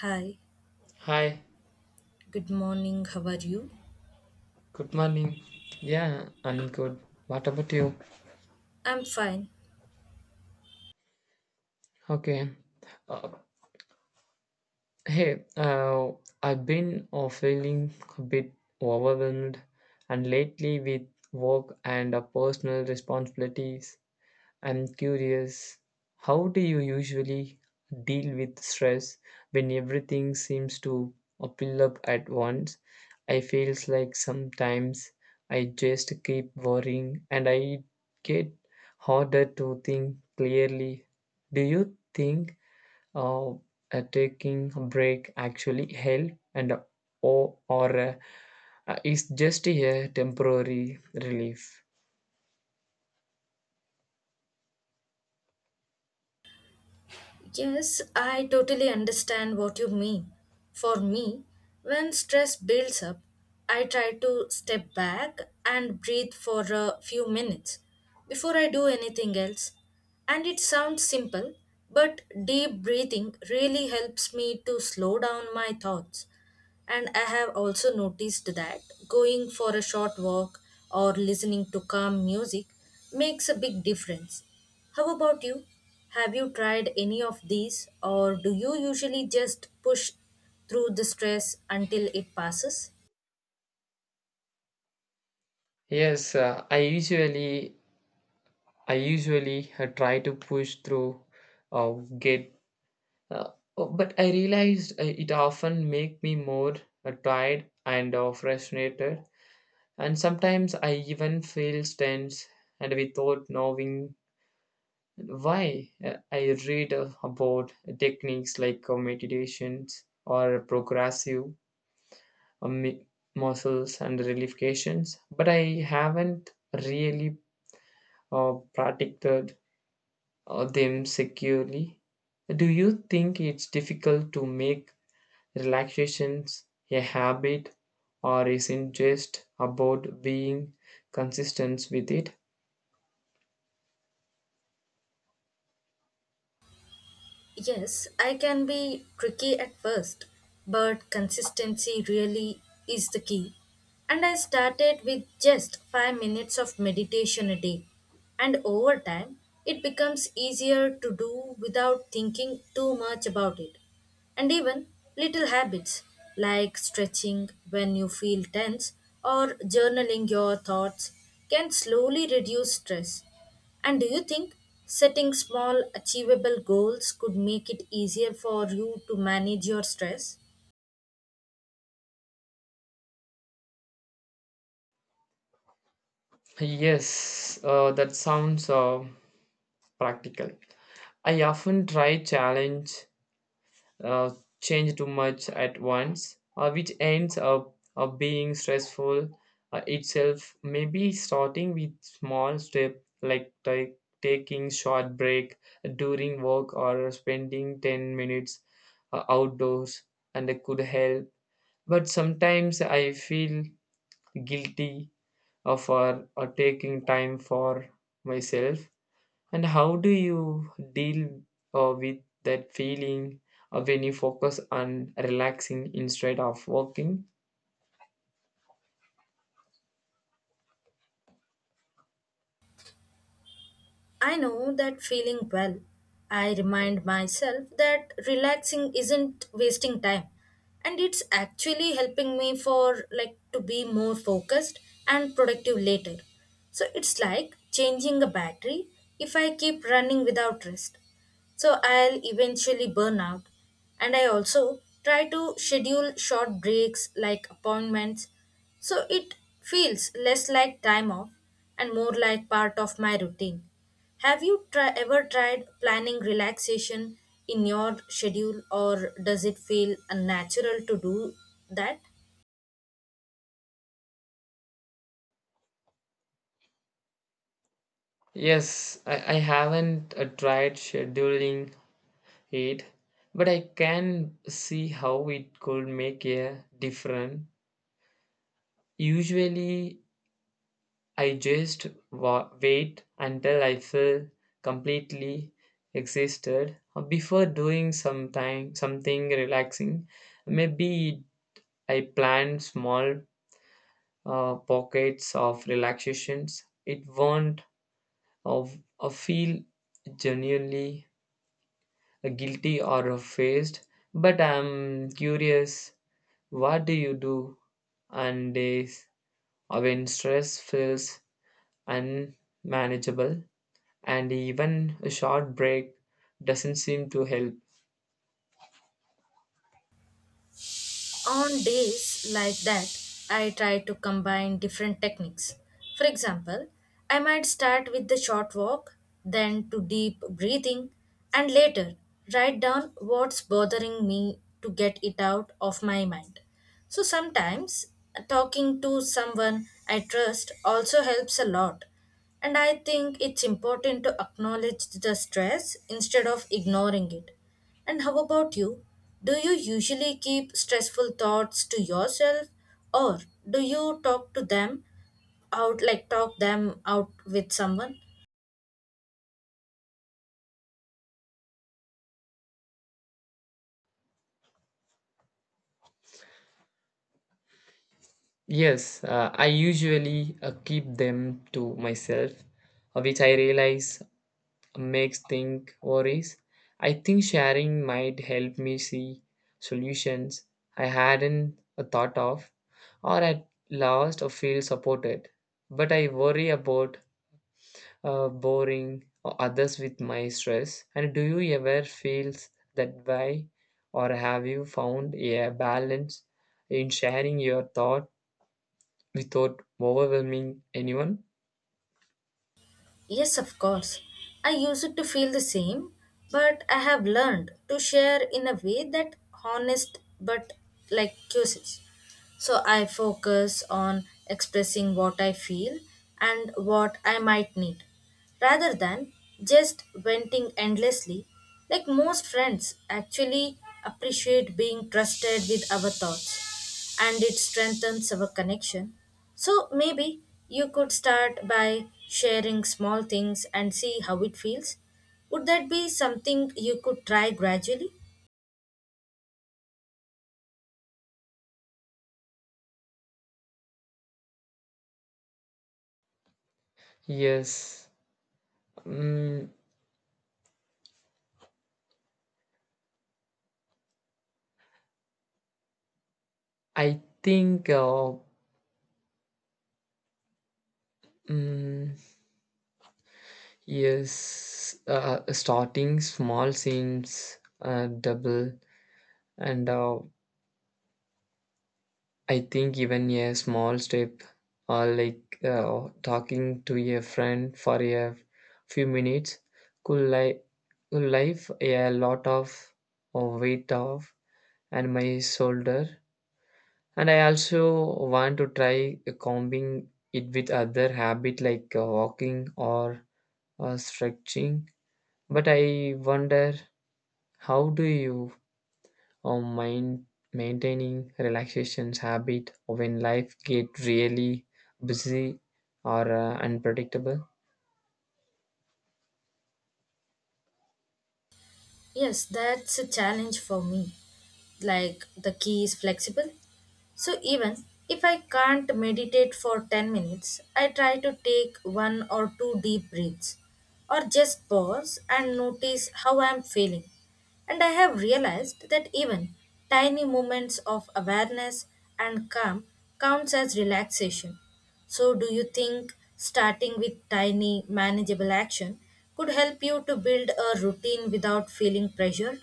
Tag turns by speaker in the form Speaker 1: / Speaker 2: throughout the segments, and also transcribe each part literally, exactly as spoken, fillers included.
Speaker 1: Hi,
Speaker 2: Hi,
Speaker 1: good morning. How are you?
Speaker 2: good morning. Yeah, I'm good. What about you?
Speaker 1: I'm fine.
Speaker 2: Okay. Uh, hey, uh, I've been uh, feeling a bit overwhelmed and lately with work and uh, personal responsibilities. I'm curious, how do you usually deal with stress when everything seems to pile up at once? I feels like sometimes I just keep worrying and I get harder to think clearly. Do you think uh, uh, taking a break actually help and uh, or, or uh, uh, is just a temporary relief?
Speaker 1: Yes, I totally understand what you mean. For me, when stress builds up, I try to step back and breathe for a few minutes before I do anything else. And it sounds simple, but deep breathing really helps me to slow down my thoughts. And I have also noticed that going for a short walk or listening to calm music makes a big difference. How about you? Have you tried any of these, or do you usually just push through the stress until it passes?
Speaker 2: Yes, uh, I usually I usually uh, try to push through or get, uh, oh, but I realized uh, it often make me more uh, tired and uh, frustrated, and sometimes I even feel tense and without knowing why. Uh, I read uh, about techniques like uh, meditations or progressive uh, mi- muscles and relaxations, but I haven't really uh, practiced uh, them securely. Do you think it's difficult to make relaxations a habit, or is it just about being consistent with it?
Speaker 1: Yes, I can be tricky at first, but consistency really is the key. And I started with just five minutes of meditation a day. And over time, it becomes easier to do without thinking too much about it. And even little habits like stretching when you feel tense or journaling your thoughts can slowly reduce stress. And do you think setting small, achievable goals could make it easier for you to manage your stress?
Speaker 2: Yes, uh, that sounds uh, practical. I often try challenge uh, change too much at once, uh, which ends up uh, being stressful uh, itself. Maybe starting with small step like ta- taking short break during work, or spending ten minutes uh, outdoors, and that could help. But sometimes I feel guilty uh, for uh, taking time for myself. And how do you deal uh, with that feeling uh, when you focus on relaxing instead of working?
Speaker 1: I know that feeling well. I remind myself that relaxing isn't wasting time and it's actually helping me for like to be more focused and productive later. So it's like changing a battery if I keep running without rest. So I'll eventually burn out. And I also try to schedule short breaks like appointments. So it feels less like time off and more like part of my routine. Have you try, ever tried planning relaxation in your schedule, or does it feel unnatural to do that?
Speaker 2: Yes, I, I haven't uh, tried scheduling it, but I can see how it could make a difference. Usually, I just wa- wait until I feel completely exhausted uh, before doing something something relaxing. Maybe I plan small uh, pockets of relaxations. It won't of uh, feel genuinely guilty or faced. But I'm curious, what do you do on days when stress feels unmanageable and even a short break doesn't seem to help?
Speaker 1: On days like that, I try to combine different techniques. For example, I might start with the short walk, then to deep breathing, and later write down what's bothering me to get it out of my mind. So sometimes talking to someone I trust also helps a lot, and I think it's important to acknowledge the stress instead of ignoring it. And how about you? Do you usually keep stressful thoughts to yourself, or do you talk to them out like talk them out with someone?
Speaker 2: Yes, uh, I usually uh, keep them to myself, uh, which I realize makes think worries. I think sharing might help me see solutions I hadn't a thought of, or at last or feel supported. But I worry about uh, boring or others with my stress. And do you ever feel that way, or have you found a balance in sharing your thought without overwhelming anyone?
Speaker 1: Yes, of course. I used to feel the same, but I have learned to share in a way that honest but like curious. So I focus on expressing what I feel and what I might need rather than just venting endlessly. Like most friends actually appreciate being trusted with our thoughts, and it strengthens our connection. So maybe you could start by sharing small things and see how it feels. Would that be something you could try gradually?
Speaker 2: Yes. Mm, I think uh, mm, yes, uh, starting small seems uh, double, and uh, I think even a small step, uh, like uh, talking to a friend for a few minutes, could li- could lift a lot of uh, weight off and my shoulder. And I also want to try combing it with other habit like uh, walking or uh, stretching. But I wonder, how do you um, mind maintaining relaxations habit when life get really busy or uh, unpredictable?
Speaker 1: Yes, that's a challenge for me. Like the key is flexible. So even if I can't meditate for ten minutes, I try to take one or two deep breaths or just pause and notice how I'm feeling. And I have realized that even tiny moments of awareness and calm counts as relaxation. So, do you think starting with tiny, manageable action could help you to build a routine without feeling pressured?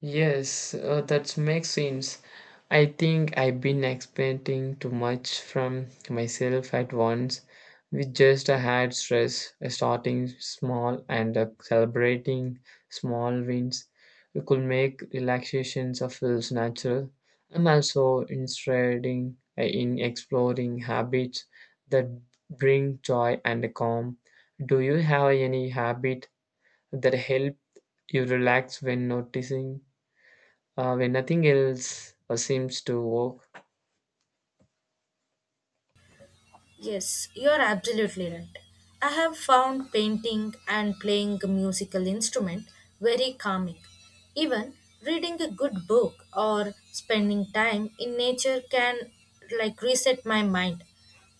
Speaker 2: Yes, uh, that makes sense. I think I've been expecting too much from myself at once. We just had stress, uh, starting small and uh, celebrating small wins. We could make relaxations of feels natural. I'm also interested in uh, in exploring habits that bring joy and calm. Do you have any habit that help you relax when noticing, uh, when nothing else uh, seems to work?
Speaker 1: Yes, you are absolutely right. I have found painting and playing a musical instrument very calming. Even reading a good book or spending time in nature can like reset my mind.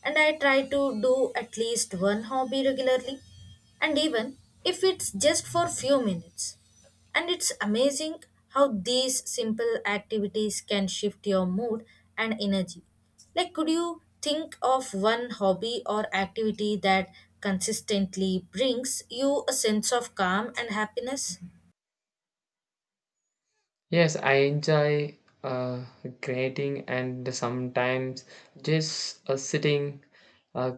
Speaker 1: And I try to do at least one hobby regularly and even if it's just for few minutes. And it's amazing how these simple activities can shift your mood and energy. Like, could you think of one hobby or activity that consistently brings you a sense of calm and happiness?
Speaker 2: Yes, I enjoy uh, creating, and sometimes just uh, sitting uh,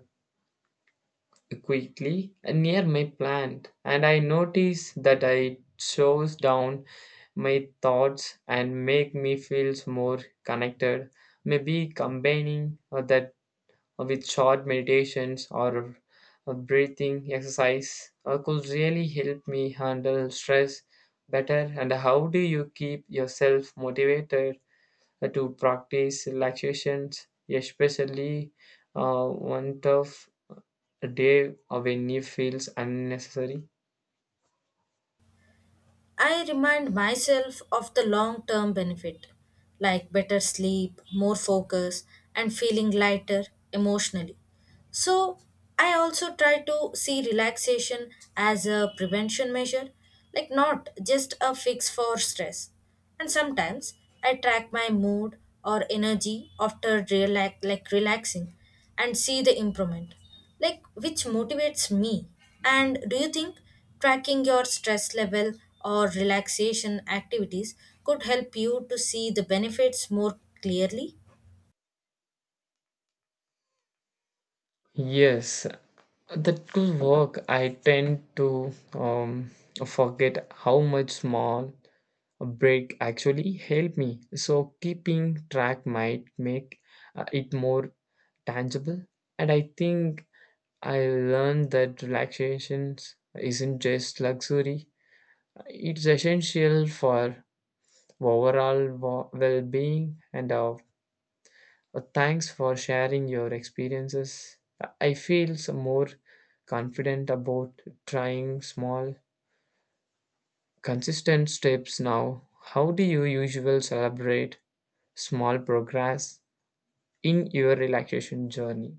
Speaker 2: quickly near my plant, and I notice that I shows down my thoughts and make me feel more connected. Maybe combining uh, that with short meditations or a breathing exercise uh, could really help me handle stress better. And how do you keep yourself motivated uh, to practice relaxations, especially uh, one tough day uh, when it feels unnecessary?
Speaker 1: I remind myself of the long term benefit, like better sleep, more focus, and feeling lighter emotionally. So, I also try to see relaxation as a prevention measure, like not just a fix for stress. And sometimes I track my mood or energy after relax, like relaxing and see the improvement like which motivates me. And do you think tracking your stress level or relaxation activities could help you to see the benefits more clearly?
Speaker 2: Yes, that could work. I tend to um, forget how much small break actually help me, so keeping track might make uh, it more tangible. And I think I learned that relaxation isn't just luxury, it's essential for overall wa- well-being. And uh, uh, thanks for sharing your experiences. I feel some more confident about trying small consistent steps. Now, how do you usually celebrate small progress in your relaxation journey?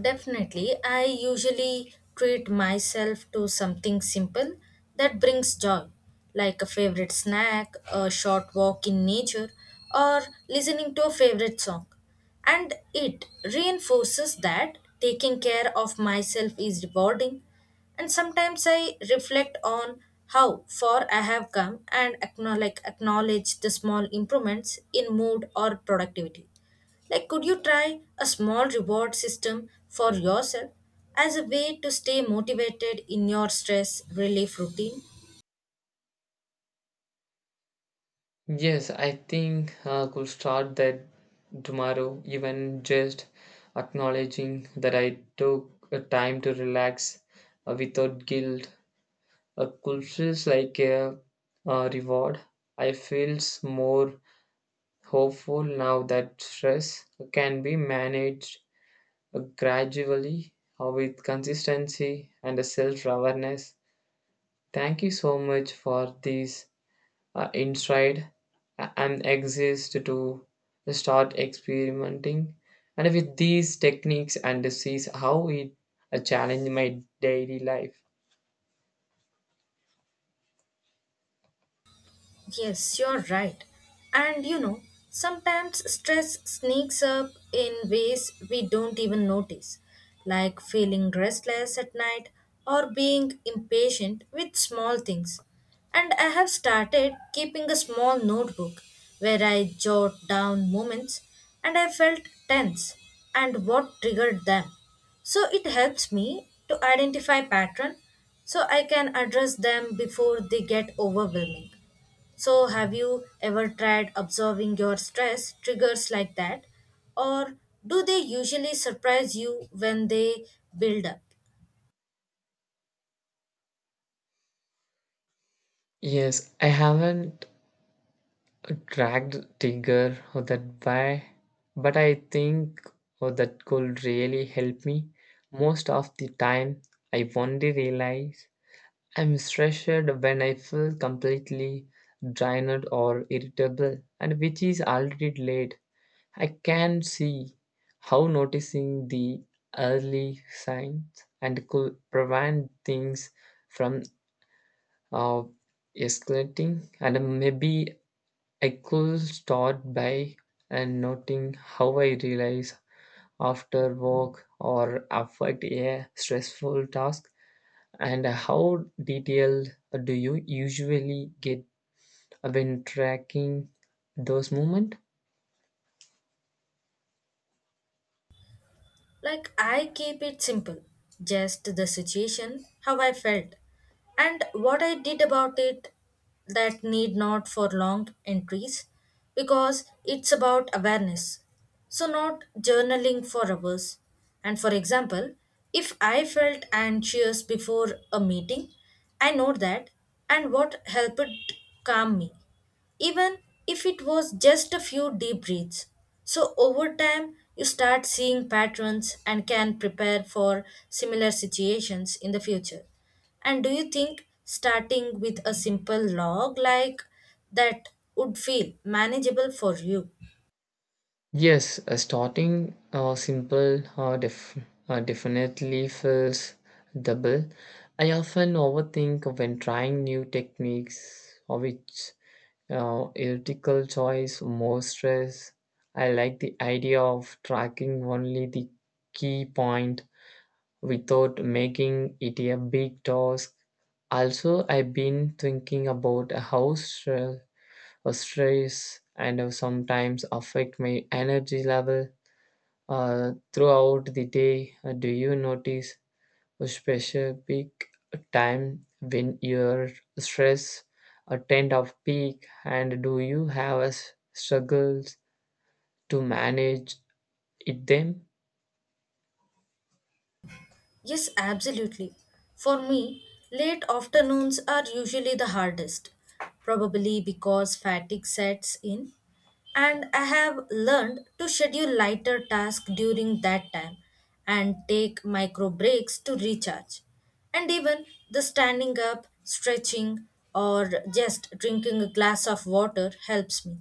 Speaker 1: Definitely, I usually treat myself to something simple that brings joy, like a favorite snack, a short walk in nature, or listening to a favorite song. And it reinforces that taking care of myself is rewarding. And sometimes I reflect on how far I have come and acknowledge, acknowledge the small improvements in mood or productivity, like, could you try a small reward system for yourself as a way to stay motivated in your stress relief routine?
Speaker 2: Yes, I think I could start that tomorrow, even just acknowledging that I took a time to relax uh, without guilt. A could feels like a, uh reward. I feels more hopeful now that stress can be managed uh, gradually uh, with consistency and self awareness. Thank you so much for this uh, inside uh, and exist to start experimenting and with these techniques, and to see how it uh, challenge my daily life.
Speaker 1: Yes, you're right. And you know, sometimes stress sneaks up in ways we don't even notice, like feeling restless at night or being impatient with small things. And I have started keeping a small notebook where I jot down moments and I felt tense and what triggered them. So it helps me to identify pattern so I can address them before they get overwhelming. So, have you ever tried observing your stress triggers like that? Or do they usually surprise you when they build up?
Speaker 2: Yes, I haven't dragged tiger or that by, but I think oh, that could really help me. Most of the time I only realize I'm stressed when I feel completely drained or irritable, and which is already late. I can see how noticing the early signs and could prevent things from uh, escalating. And maybe I could start by uh, noting how I realize after work or affect a stressful task. And how detailed do you usually get when tracking those moments?
Speaker 1: Like I keep it simple, just the situation, how I felt, and what I did about it, that need not for long entries because it's about awareness. So, not journaling for hours. And for example, if I felt anxious before a meeting, I know that and what helped calm me even if it was just a few deep breaths. So, over time, you start seeing patterns and can prepare for similar situations in the future. And do you think starting with a simple log like that would feel manageable for you?
Speaker 2: Yes, uh, starting uh, simple uh, def- uh, definitely feels double. I often overthink when trying new techniques, or which uh, ethical choice, more stress. I like the idea of tracking only the key point without making it a big task. Also, I've been thinking about how stress, stress and uh, sometimes affect my energy level uh, throughout the day. Uh, do you notice a specific time when your stress uh, tend of peak, and do you have a s- struggles to manage it them?
Speaker 1: Yes, absolutely. For me, late afternoons are usually the hardest, probably because fatigue sets in, and I have learned to schedule lighter tasks during that time and take micro breaks to recharge. And even the standing up, stretching, or just drinking a glass of water helps me.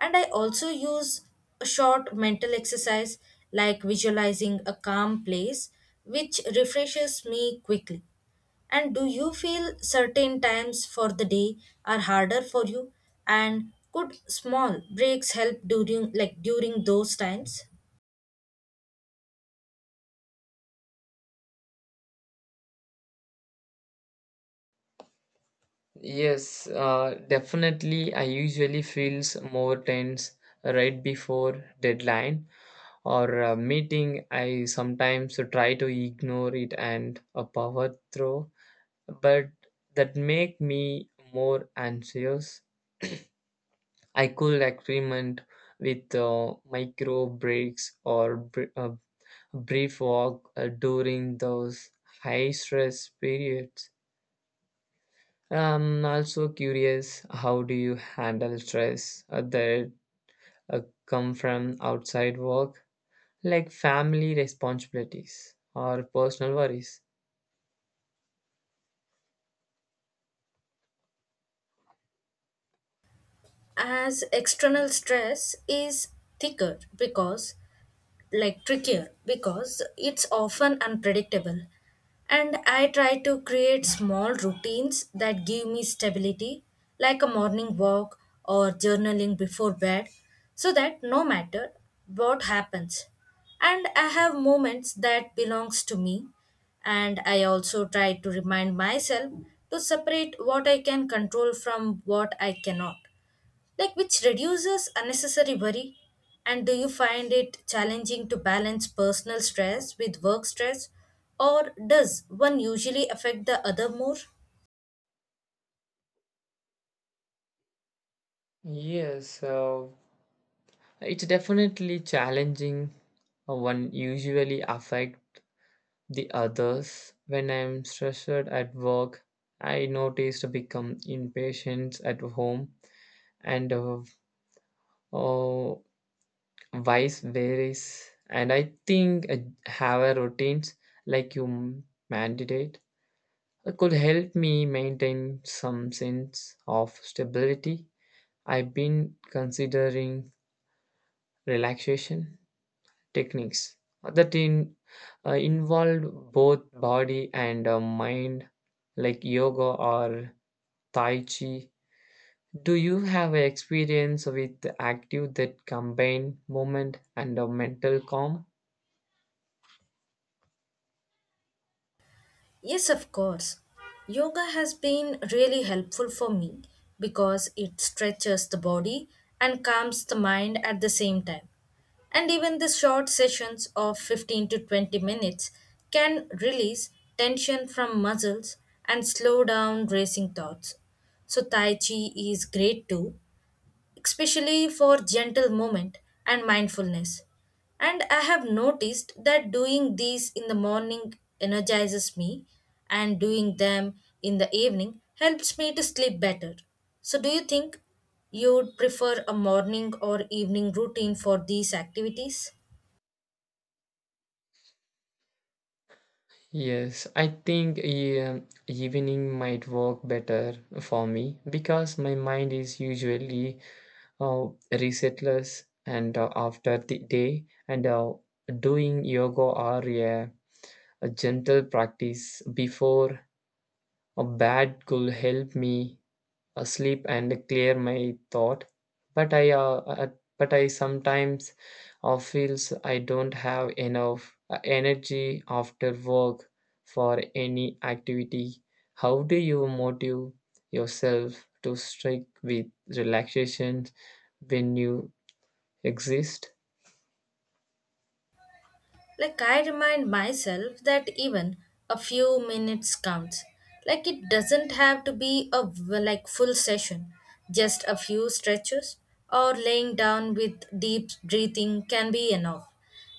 Speaker 1: And I also use a short mental exercise like visualizing a calm place, which refreshes me quickly. And do you feel certain times for the day are harder for you? And could small breaks help during like during those times?
Speaker 2: Yes, uh, definitely. I usually feels more tense right before deadline or a meeting. I sometimes try to ignore it and uh, power through, but that make me more anxious. I could experiment with uh, micro breaks or br- a brief walk uh, during those high stress periods. I'm also curious, how do you handle stress uh, that uh, come from outside work, like family responsibilities or personal worries?
Speaker 1: as external stress is thicker because like trickier because it's often unpredictable, and I try to create small routines that give me stability, like a morning walk or journaling before bed, so that no matter what happens and I have moments that belongs to me. And I also try to remind myself to separate what I can control from what I cannot, like which reduces unnecessary worry. And do you find it challenging to balance personal stress with work stress, or does one usually affect the other more?
Speaker 2: Yes, uh, it's definitely challenging, uh, one usually affect the others. When I'm stressed at work, I notice to become impatient at home, and uh, uh, vice versa. And I think uh, have a routines like you mandate uh, could help me maintain some sense of stability. I've been considering relaxation techniques that in uh, involve both body and uh, mind, like yoga or tai chi. Do you have experience with active that combine movement and uh, mental calm?
Speaker 1: Yes, of course. Yoga has been really helpful for me because it stretches the body and calms the mind at the same time. And even the short sessions of fifteen to twenty minutes can release tension from muscles and slow down racing thoughts. So, Tai Chi is great too, especially for gentle movement and mindfulness. And I have noticed that doing these in the morning energizes me, and doing them in the evening helps me to sleep better. So, do you think you would prefer a morning or evening routine for these activities?
Speaker 2: Yes, I think, yeah, evening might work better for me because my mind is usually uh, resetless, and uh, after the day, and uh, doing yoga or yeah a gentle practice before a bad could help me asleep and clear my thought, but I uh, uh, but I sometimes uh, feels I don't have enough uh, energy after work for any activity. How do you motive yourself to stick with relaxation when you exist?
Speaker 1: Like I remind myself that even a few minutes counts. Like it doesn't have to be a v- like full session. Just a few stretches or laying down with deep breathing can be enough.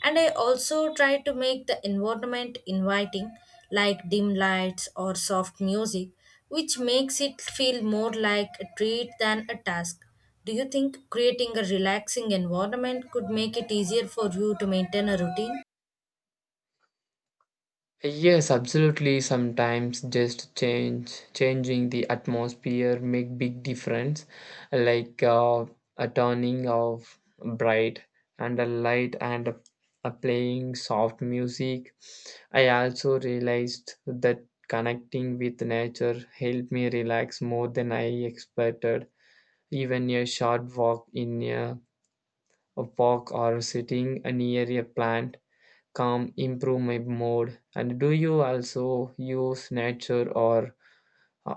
Speaker 1: And I also try to make the environment inviting, like dim lights or soft music, which makes it feel more like a treat than a task. Do you think creating a relaxing environment could make it easier for you to maintain a routine?
Speaker 2: Yes, absolutely. Sometimes just change changing the atmosphere make big difference, like uh, a turning of bright and a light, and a, a playing soft music. I also realized that connecting with nature helped me relax more than I expected. Even a short walk in a, a park, or sitting near a plant, calm improve my mood. And do you also use nature or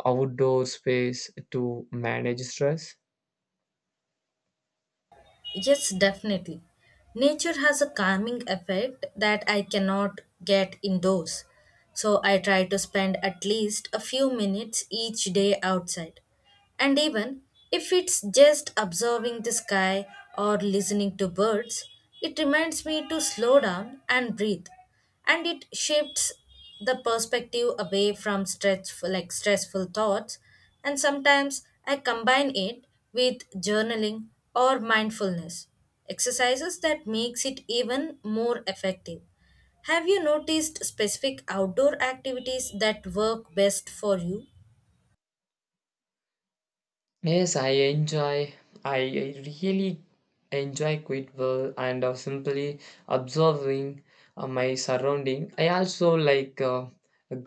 Speaker 2: outdoor space to manage stress?
Speaker 1: Yes, definitely. Nature has a calming effect that I cannot get indoors. So I try to spend at least a few minutes each day outside. And even if it's just observing the sky or listening to birds, it reminds me to slow down and breathe. And it shifts the perspective away from stressful like stressful thoughts. And sometimes I combine it with journaling or mindfulness exercises that makes it even more effective. Have you noticed specific outdoor activities that work best for you?
Speaker 2: Yes, i enjoy i I really enjoy quite well and uh, simply observing uh, my surrounding. I also like uh,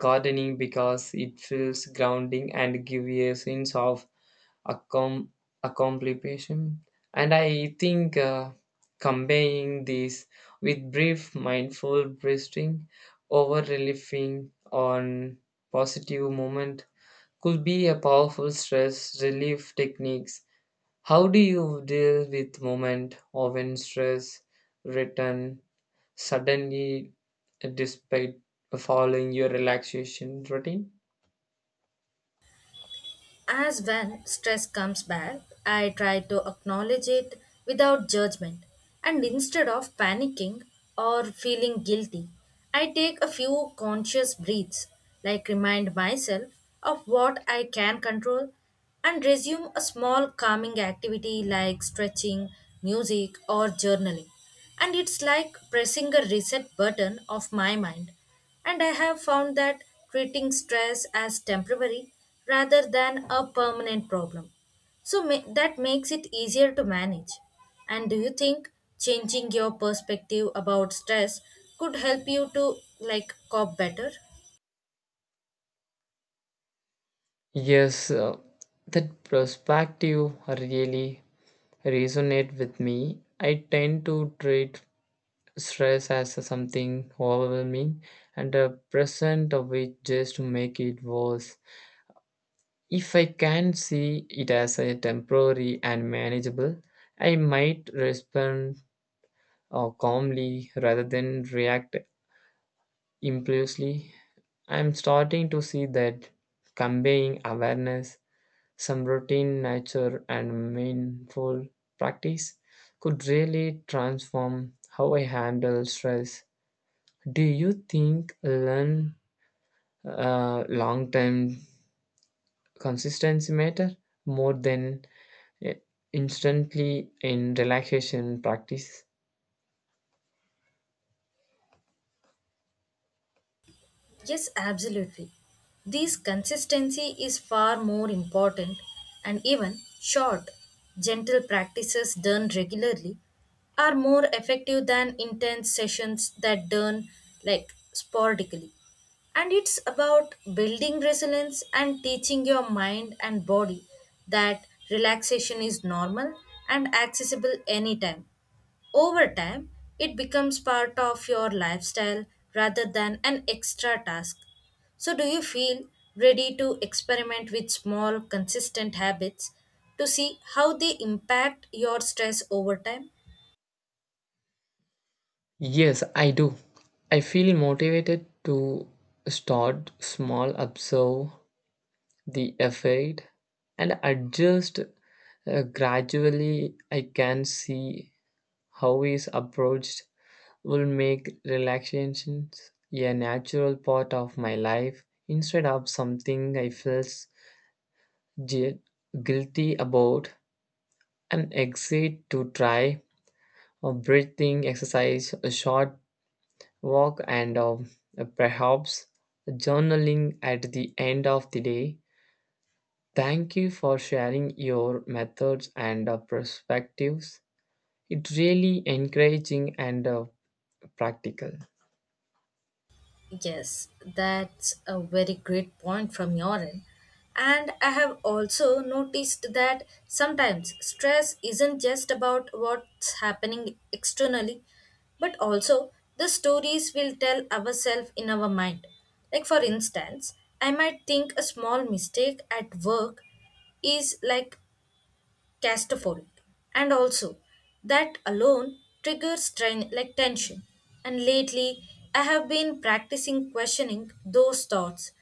Speaker 2: gardening because it feels grounding and gives a sense of accom- accomplishment. And I think uh, combining these with brief mindful breathing, over relieving on positive moment, could be a powerful stress relief techniques. How do you deal with moment or when stress return suddenly despite following your relaxation routine?
Speaker 1: As when stress comes back, I try to acknowledge it without judgment. And instead of panicking or feeling guilty, I take a few conscious breaths, like remind myself of what I can control and resume a small calming activity like stretching, music, or journaling. And it's like pressing a reset button of my mind. And I have found that treating stress as temporary rather than a permanent problem. So ma- that makes it easier to manage. And do you think changing your perspective about stress could help you to like cope better?
Speaker 2: Yes, uh, that perspective really resonate with me. I tend to treat stress as something overwhelming, and a present of it just to make it worse. If I can see it as a temporary and manageable, I might respond uh, calmly rather than react impulsively. I'm starting to see that conveying awareness, some routine nature and mindful practice could really transform how I handle stress. Do you think learn uh, long term consistency matter more than uh, instantly in relaxation practice?
Speaker 1: Yes, absolutely. This consistency is far more important, and even short, gentle practices done regularly are more effective than intense sessions that done like sporadically. And it's about building resilience and teaching your mind and body that relaxation is normal and accessible anytime. Over time, it becomes part of your lifestyle rather than an extra task. So, do you feel ready to experiment with small, consistent habits to see how they impact your stress over time?
Speaker 2: Yes, I do. I feel motivated to start small, observe the effect, and adjust uh, gradually. I can see how is approached will make relaxations a natural part of my life, instead of something I felt gui- guilty about, and excited to try a breathing exercise, a short walk, and um, perhaps journaling at the end of the day. Thank you for sharing your methods and uh, perspectives. It's really encouraging and uh, practical.
Speaker 1: Yes, that's a very great point from your end. And I have also noticed that sometimes stress isn't just about what's happening externally, but also the stories we'll tell ourselves in our mind. Like, for instance, I might think a small mistake at work is like claustrophobic, and also that alone triggers train like tension. And lately I have been practicing questioning those thoughts,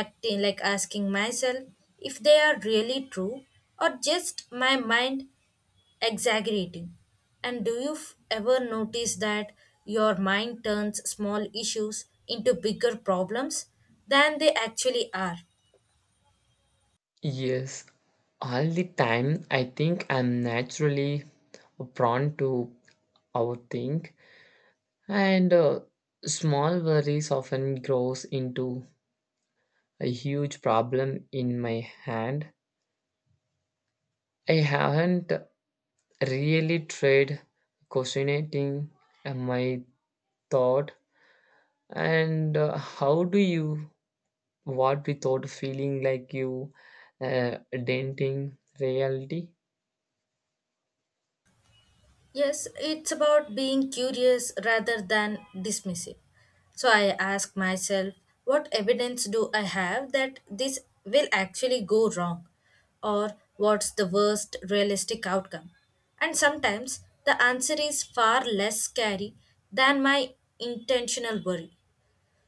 Speaker 1: acting like asking myself if they are really true or just my mind exaggerating. And do you f- ever notice that your mind turns small issues into bigger problems than they actually are?
Speaker 2: Yes, all the time. I think I'm naturally prone to overthink, and uh, small worries often grows into a huge problem in my hand. I haven't really tried questioning uh, my thought. And uh, how do you what without feeling like you uh, denting reality?
Speaker 1: Yes, it's about being curious rather than dismissive. So I ask myself, what evidence do I have that this will actually go wrong? Or what's the worst realistic outcome? And sometimes the answer is far less scary than my intentional worry.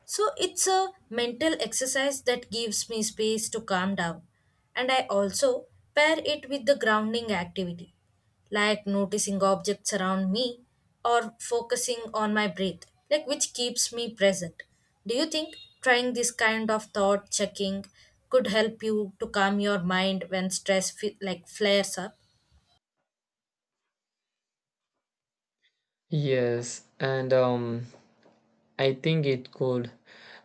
Speaker 1: So it's a mental exercise that gives me space to calm down. And I also pair it with the grounding activity, like noticing objects around me or focusing on my breath, like which keeps me present. Do you think trying this kind of thought checking could help you to calm your mind when stress fe- like flares up?
Speaker 2: Yes, and um, I think it could.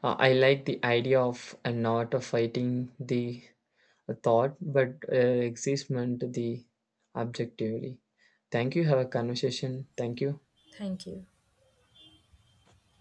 Speaker 2: Uh, I like the idea of uh, not uh, fighting the thought, but uh, existment the objectively. Thank you. Have a conversation. Thank you.
Speaker 1: Thank you.